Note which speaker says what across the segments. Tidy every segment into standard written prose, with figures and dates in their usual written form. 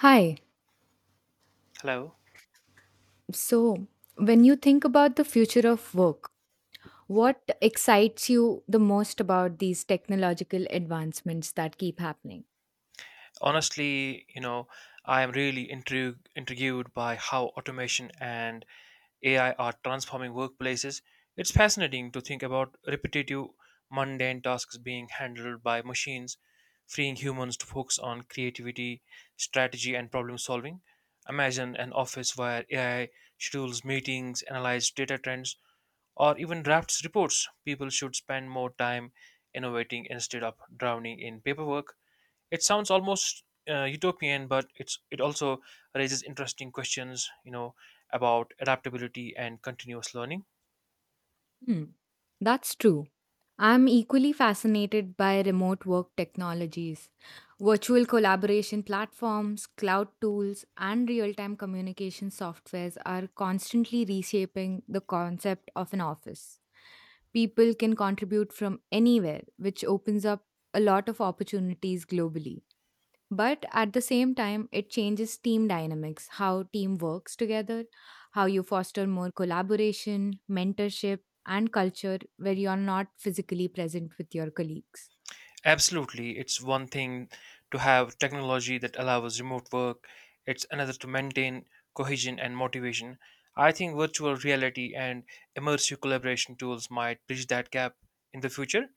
Speaker 1: Hi.
Speaker 2: Hello.
Speaker 1: So, when you think about the future of work, what excites you the most about these technological advancements that keep happening?
Speaker 2: Honestly, you know, I am really intrigued by how automation and AI are transforming workplaces. It's fascinating to think about repetitive, mundane tasks being handled by machines, freeing humans to focus on creativity, strategy, and problem solving. Imagine an office where AI schedules meetings, analyzes data trends, or even drafts reports. People should spend more time innovating instead of drowning in paperwork. It sounds almost utopian, but it also raises interesting questions, you know, about adaptability and continuous learning.
Speaker 1: Hmm, that's true. I'm equally fascinated by remote work technologies, virtual collaboration platforms, cloud tools, and real time communication softwares are constantly reshaping the concept of an office. People can contribute from anywhere, which opens up a lot of opportunities globally. But at the same time, it changes team dynamics, how team works together, how you foster more collaboration, mentorship, and culture where you're not physically present with your colleagues.
Speaker 2: Absolutely, it's one thing to have technology that allows remote work. It's another to maintain cohesion and motivation. I think virtual reality and immersive collaboration tools might bridge that gap in the future,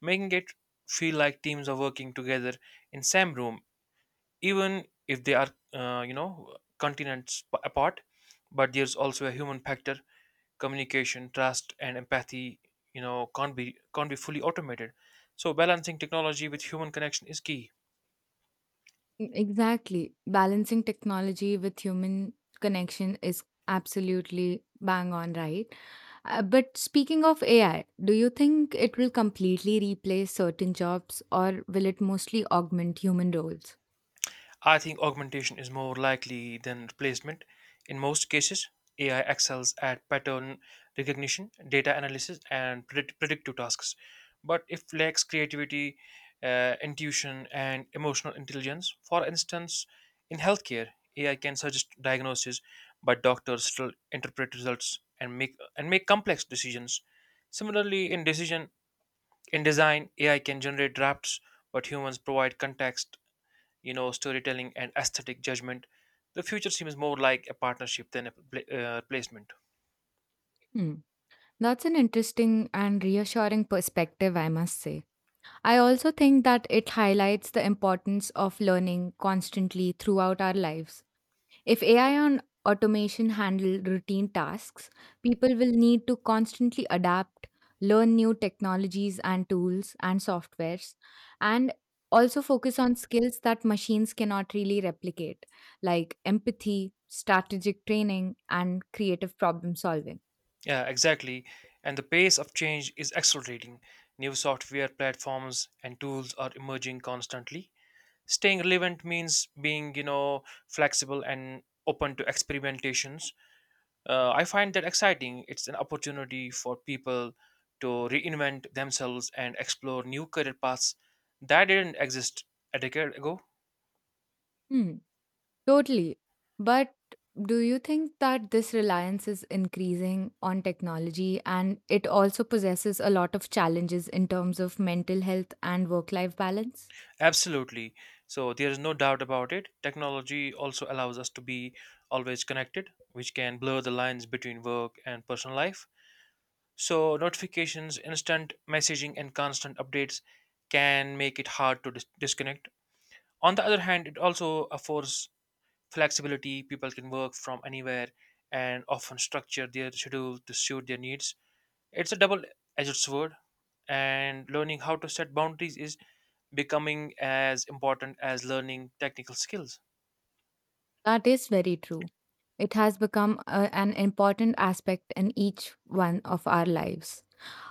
Speaker 2: making it feel like teams are working together in same room even if they are, you know, continents apart. But there's also a human factor, communication, trust, and empathy, you know, can't be fully automated. So balancing technology with human connection is key.
Speaker 1: Exactly. Balancing technology with human connection is absolutely bang on right. But speaking of AI, do you think it will completely replace certain jobs or will it mostly augment human roles?
Speaker 2: I think augmentation is more likely than replacement. In most cases, AI excels at pattern recognition, data analysis, and predictive tasks, but it lacks creativity, intuition, and emotional intelligence. For instance, in healthcare, AI can suggest diagnoses, but doctors still interpret results and make complex decisions. Similarly, in design, AI can generate drafts, but humans provide context, you know, storytelling and aesthetic judgment. The future seems more like a partnership than a placement.
Speaker 1: Hmm. That's an interesting and reassuring perspective, I must say. I also think that it highlights the importance of learning constantly throughout our lives. If AI and automation handle routine tasks, people will need to constantly adapt, learn new technologies and tools and softwares, and also focus on skills that machines cannot really replicate, like empathy, strategic training, and creative problem solving.
Speaker 2: Yeah, exactly. And the pace of change is accelerating. New software platforms and tools are emerging constantly. Staying relevant means being, you know, flexible and open to experimentations. I find that exciting. It's an opportunity for people to reinvent themselves and explore new career paths that didn't exist a decade ago.
Speaker 1: Hmm. Totally. But do you think that this reliance is increasing on technology and it also possesses a lot of challenges in terms of mental health and work life balance?
Speaker 2: Absolutely. So there is no doubt about it. Technology also allows us to be always connected, which can blur the lines between work and personal life. So notifications, instant messaging, and constant updates can make it hard to disconnect. On the other hand, it also affords flexibility. People can work from anywhere and often structure their schedule to suit their needs. It's a double edged sword, and learning how to set boundaries is becoming as important as learning technical skills.
Speaker 1: That is very true. It has become an important aspect in each one of our lives.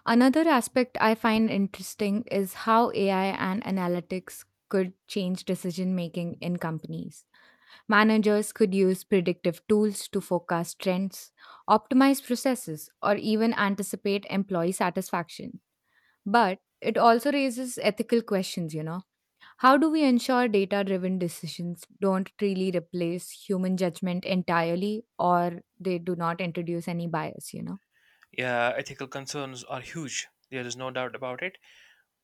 Speaker 1: Another aspect I find interesting is how AI and analytics could change decision making in companies. Managers could use predictive tools to forecast trends, optimize processes, or even anticipate employee satisfaction. But it also raises ethical questions, you know. How do we ensure data driven decisions don't really replace human judgment entirely or they do not introduce any bias, you know?
Speaker 2: Yeah, ethical concerns are huge. There is no doubt about it.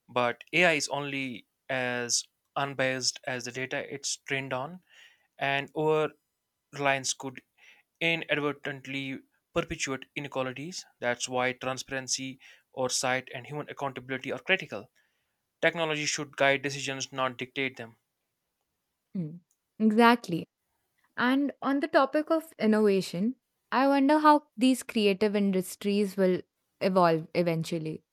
Speaker 2: But AI is only as unbiased as the data it's trained on, and over reliance could inadvertently perpetuate inequalities. That's why transparency, oversight, and human accountability are critical. Technology should guide decisions, not dictate them.
Speaker 1: Mm. Exactly. And on the topic of innovation, I wonder how these creative industries will evolve eventually.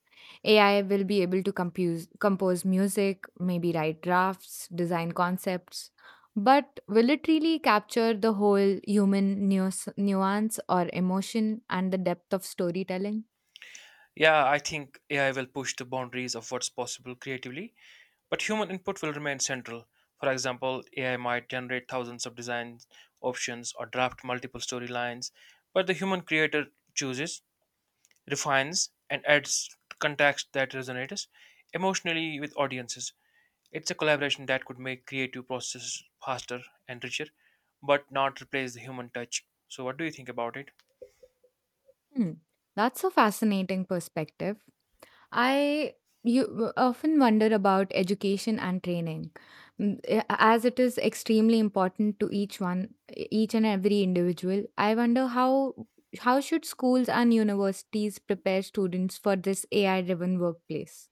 Speaker 1: AI will be able to compose music, maybe write drafts, design concepts. But will it really capture the whole human nuance or emotion and the depth of storytelling?
Speaker 2: Yeah, I think AI will push the boundaries of what's possible creatively, but human input will remain central. For example, AI might generate thousands of design options or draft multiple storylines, but the human creator chooses, refines, and adds context that resonates emotionally with audiences. It's a collaboration that could make creative processes faster and richer, but not replace the human touch. So, what do you think about it?
Speaker 1: Hmm. That's a fascinating perspective. I often wonder about education and training, as it is extremely important to each one, each and every individual. I wonder how should schools and universities prepare students for this AI-driven workplace?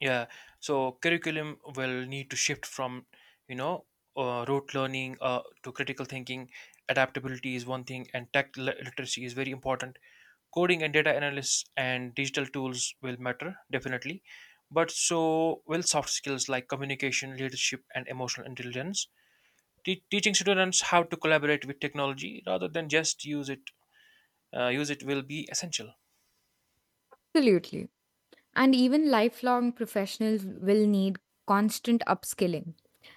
Speaker 2: Yeah, so curriculum will need to shift from, you know, rote learning to critical thinking. Adaptability is one thing, and tech literacy is very important. Coding and data analysis and digital tools will matter definitely, but so will soft skills like communication, leadership, and emotional intelligence. Teaching students how to collaborate with technology rather than just use it will be essential.
Speaker 1: Absolutely, and even lifelong professionals will need constant upskilling.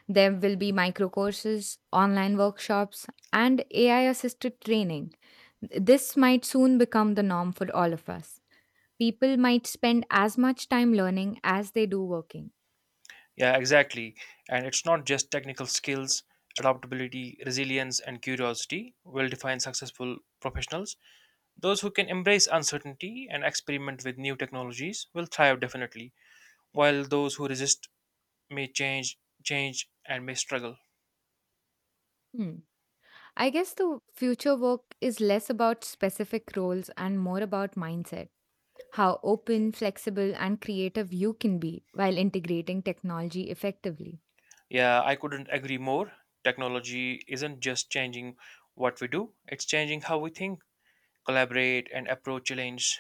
Speaker 1: There will be micro courses, online workshops, and AI-assisted training. This might soon become the norm for all of us. People might spend as much time learning as they do working.
Speaker 2: Yeah, exactly. And it's not just technical skills, adaptability, resilience, and curiosity will define successful professionals. Those who can embrace uncertainty and experiment with new technologies will thrive definitely, while those who resist may change, and may struggle.
Speaker 1: Hmm. I guess the future work is less about specific roles and more about mindset, how open, flexible, and creative you can be while integrating technology effectively.
Speaker 2: Yeah, I couldn't agree more. Technology isn't just changing what we do, it's changing how we think, collaborate, and approach challenge.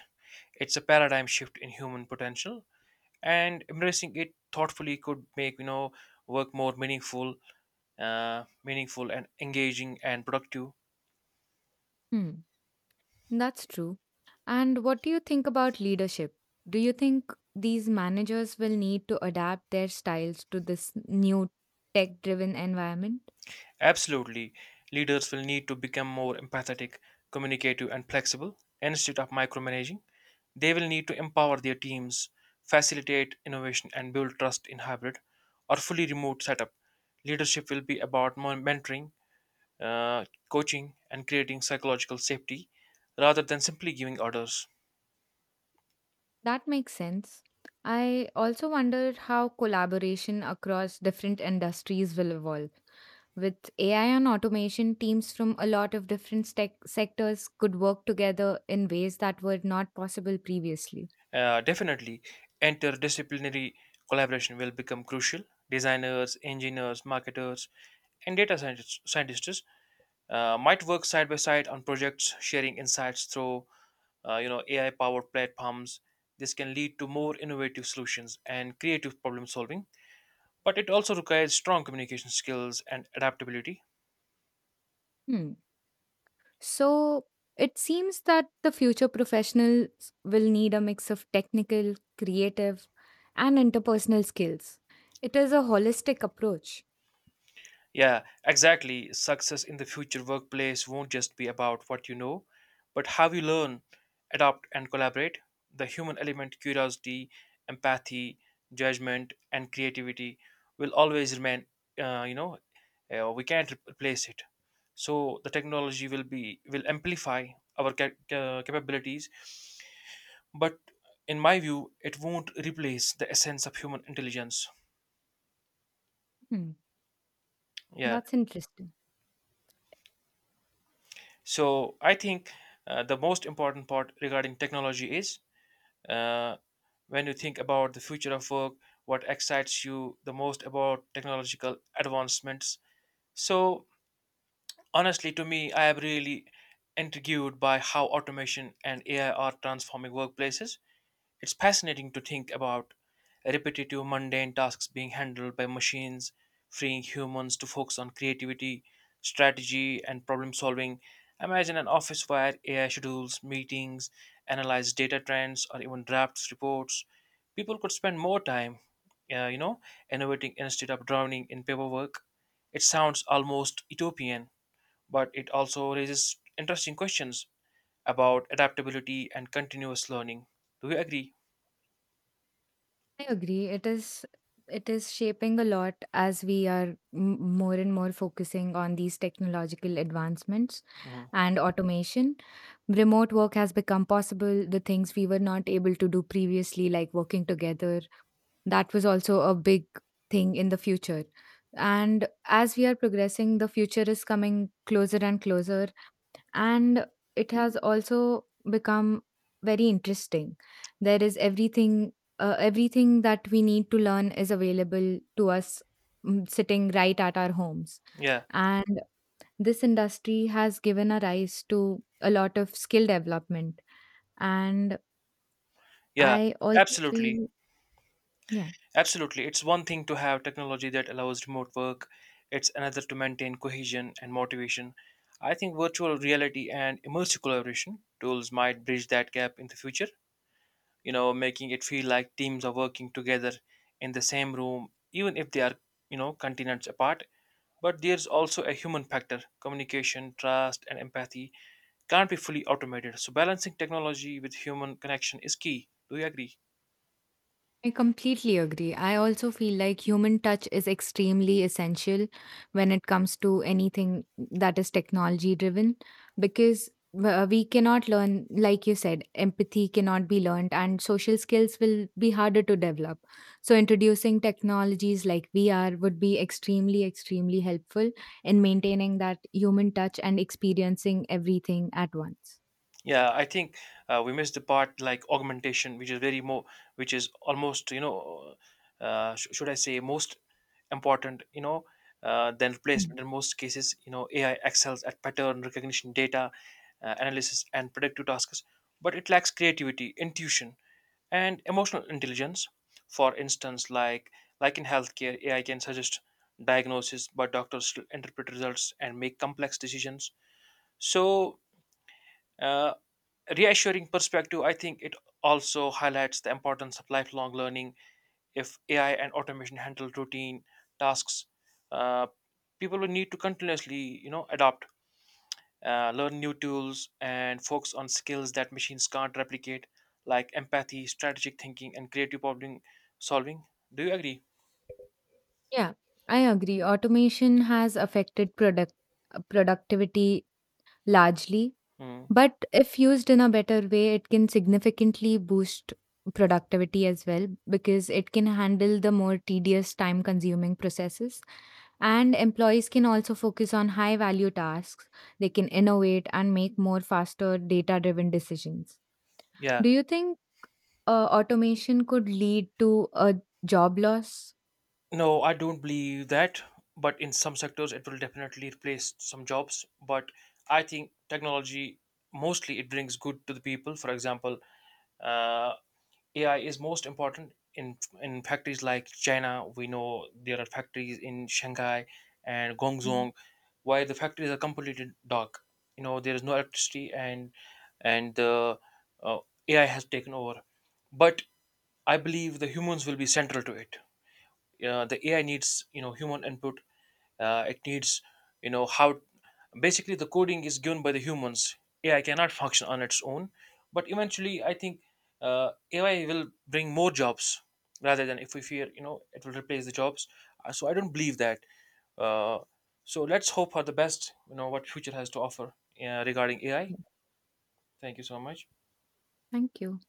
Speaker 2: It's a paradigm shift in human potential, and embracing it thoughtfully could make, you know, work more meaningful and engaging and productive.
Speaker 1: Hmm. That's true. And what do you think about leadership? Do you think these managers will need to adapt their styles to this new tech driven environment?
Speaker 2: Absolutely, leaders will need to become more empathetic, communicative, and flexible. Instead of micromanaging, they will need to empower their teams, facilitate innovation, and build trust in hybrid or fully remote setup. Leadership will be about mentoring, uh, coaching, and creating psychological safety rather than simply giving orders.
Speaker 1: That makes sense. I also wonder how collaboration across different industries will evolve. With AI and automation, teams from a lot of different stec sectors could work together in ways that were not possible previously.
Speaker 2: Definitely, interdisciplinary collaboration will become crucial. Designers, engineers, marketers, and data scientists, might work side by side on projects, sharing insights through, you know, AI-powered platforms. This can lead to more innovative solutions and creative problem solving, but it also requires strong communication skills and adaptability.
Speaker 1: Hmm. So it seems that the future professionals will need a mix of technical, creative, and interpersonal skills. It is a holistic approach.
Speaker 2: Yeah, exactly. Success in the future workplace won't just be about what you know, but how you learn, adapt, and collaborate. The human element, curiosity, empathy, judgment, and creativity will always remain, you know, we can't replace it. So the technology will amplify our capabilities, but in my view, it won't replace the essence of human intelligence.
Speaker 1: Hmm.
Speaker 2: Yeah.
Speaker 1: That's interesting.
Speaker 2: So I think, the most important part regarding technology is, uh, when you think about the future of work, what excites you the most about technological advancements. So honestly, to me, I am really intrigued by how automation and AI are transforming workplaces. It's fascinating to think about repetitive, mundane tasks being handled by machines, freeing humans to focus on creativity, strategy, and problem solving. Imagine an office where AI schedules meetings, analyze data trends, or even drafts reports. People could spend more time, you know, innovating instead of drowning in paperwork. It sounds almost utopian, but it also raises interesting questions about adaptability and continuous learning. Do you agree?
Speaker 1: I agree. It is shaping a lot as we are more and more focusing on these technological advancements
Speaker 2: Mhm.
Speaker 1: and automation. Remote work has become possible. The things we were not able to do previously, like working together, that was also a big thing in the future. And as we are progressing, the future is coming closer and closer, and it has also become very interesting. There is everything that we need to learn is available to us, sitting right at our homes.
Speaker 2: Yeah,
Speaker 1: And this industry has given a rise to a lot of skill development, and
Speaker 2: yeah,
Speaker 1: I also
Speaker 2: absolutely.
Speaker 1: feel, yeah.
Speaker 2: Absolutely. It's one thing to have technology that allows remote work, it's another to maintain cohesion and motivation. I think virtual reality and immersive collaboration tools might bridge that gap in the future, you know, making it feel like teams are working together in the same room, even if they are, you know, continents apart. But there's also a human factor, communication, trust, and empathy can't be fully automated. So balancing technology with human connection is key. Do you agree?
Speaker 1: I completely agree. I also feel like human touch is extremely essential when it comes to anything that is technology driven, because we cannot learn, like you said, empathy cannot be learned and social skills will be harder to develop. So, introducing technologies like VR would be extremely, extremely helpful in maintaining that human touch and experiencing everything at once.
Speaker 2: Yeah, I think we missed the part like augmentation, which is which is almost, you know, should I say most important, you know, than
Speaker 1: Hmm.
Speaker 2: replacement in most cases. You know, AI excels at pattern recognition, data, analysis, and predictive tasks, but it lacks creativity, intuition, and emotional intelligence. For instance, like in healthcare, AI can suggest diagnosis, but doctors still interpret results and make complex decisions. So, uh, reassuring perspective, I think it also highlights the importance of lifelong learning. If AI and automation handle routine tasks, uh, people will need to continuously, you know, adopt, learn new tools, and focus on skills that machines can't replicate, like empathy, strategic thinking, and creative problem solving. Do you agree?
Speaker 1: Yeah, I agree. Automation has affected productivity largely,
Speaker 2: Hmm.
Speaker 1: but if used in a better way, it can significantly boost productivity as well because it can handle the more tedious time consuming processes, and employees can also focus on high value tasks. They can innovate and make more faster data driven decisions.
Speaker 2: Yeah.
Speaker 1: Do you think automation could lead to a job loss?
Speaker 2: No, I don't believe that, but in some sectors it will definitely replace some jobs. But I think technology mostly it brings good to the people. For example, uh, AI is most important in factories like China. We know there are factories in Shanghai and
Speaker 1: Mm,
Speaker 2: Guangzhou where the factories are completely dark. You know there is no electricity and the, uh, AI has taken over. But I believe the humans will be central to it, the AI needs, you know, human input. It needs, you know, how basically the coding is given by the humans. AI cannot function on its own, but eventually I think, AI will bring more jobs rather than if we fear, you know, it will replace the jobs. So I don't believe that. Uh, so let's hope for the best. You know what future has to offer, regarding AI.
Speaker 1: yeah.
Speaker 2: Thank you so much.
Speaker 1: Thank you.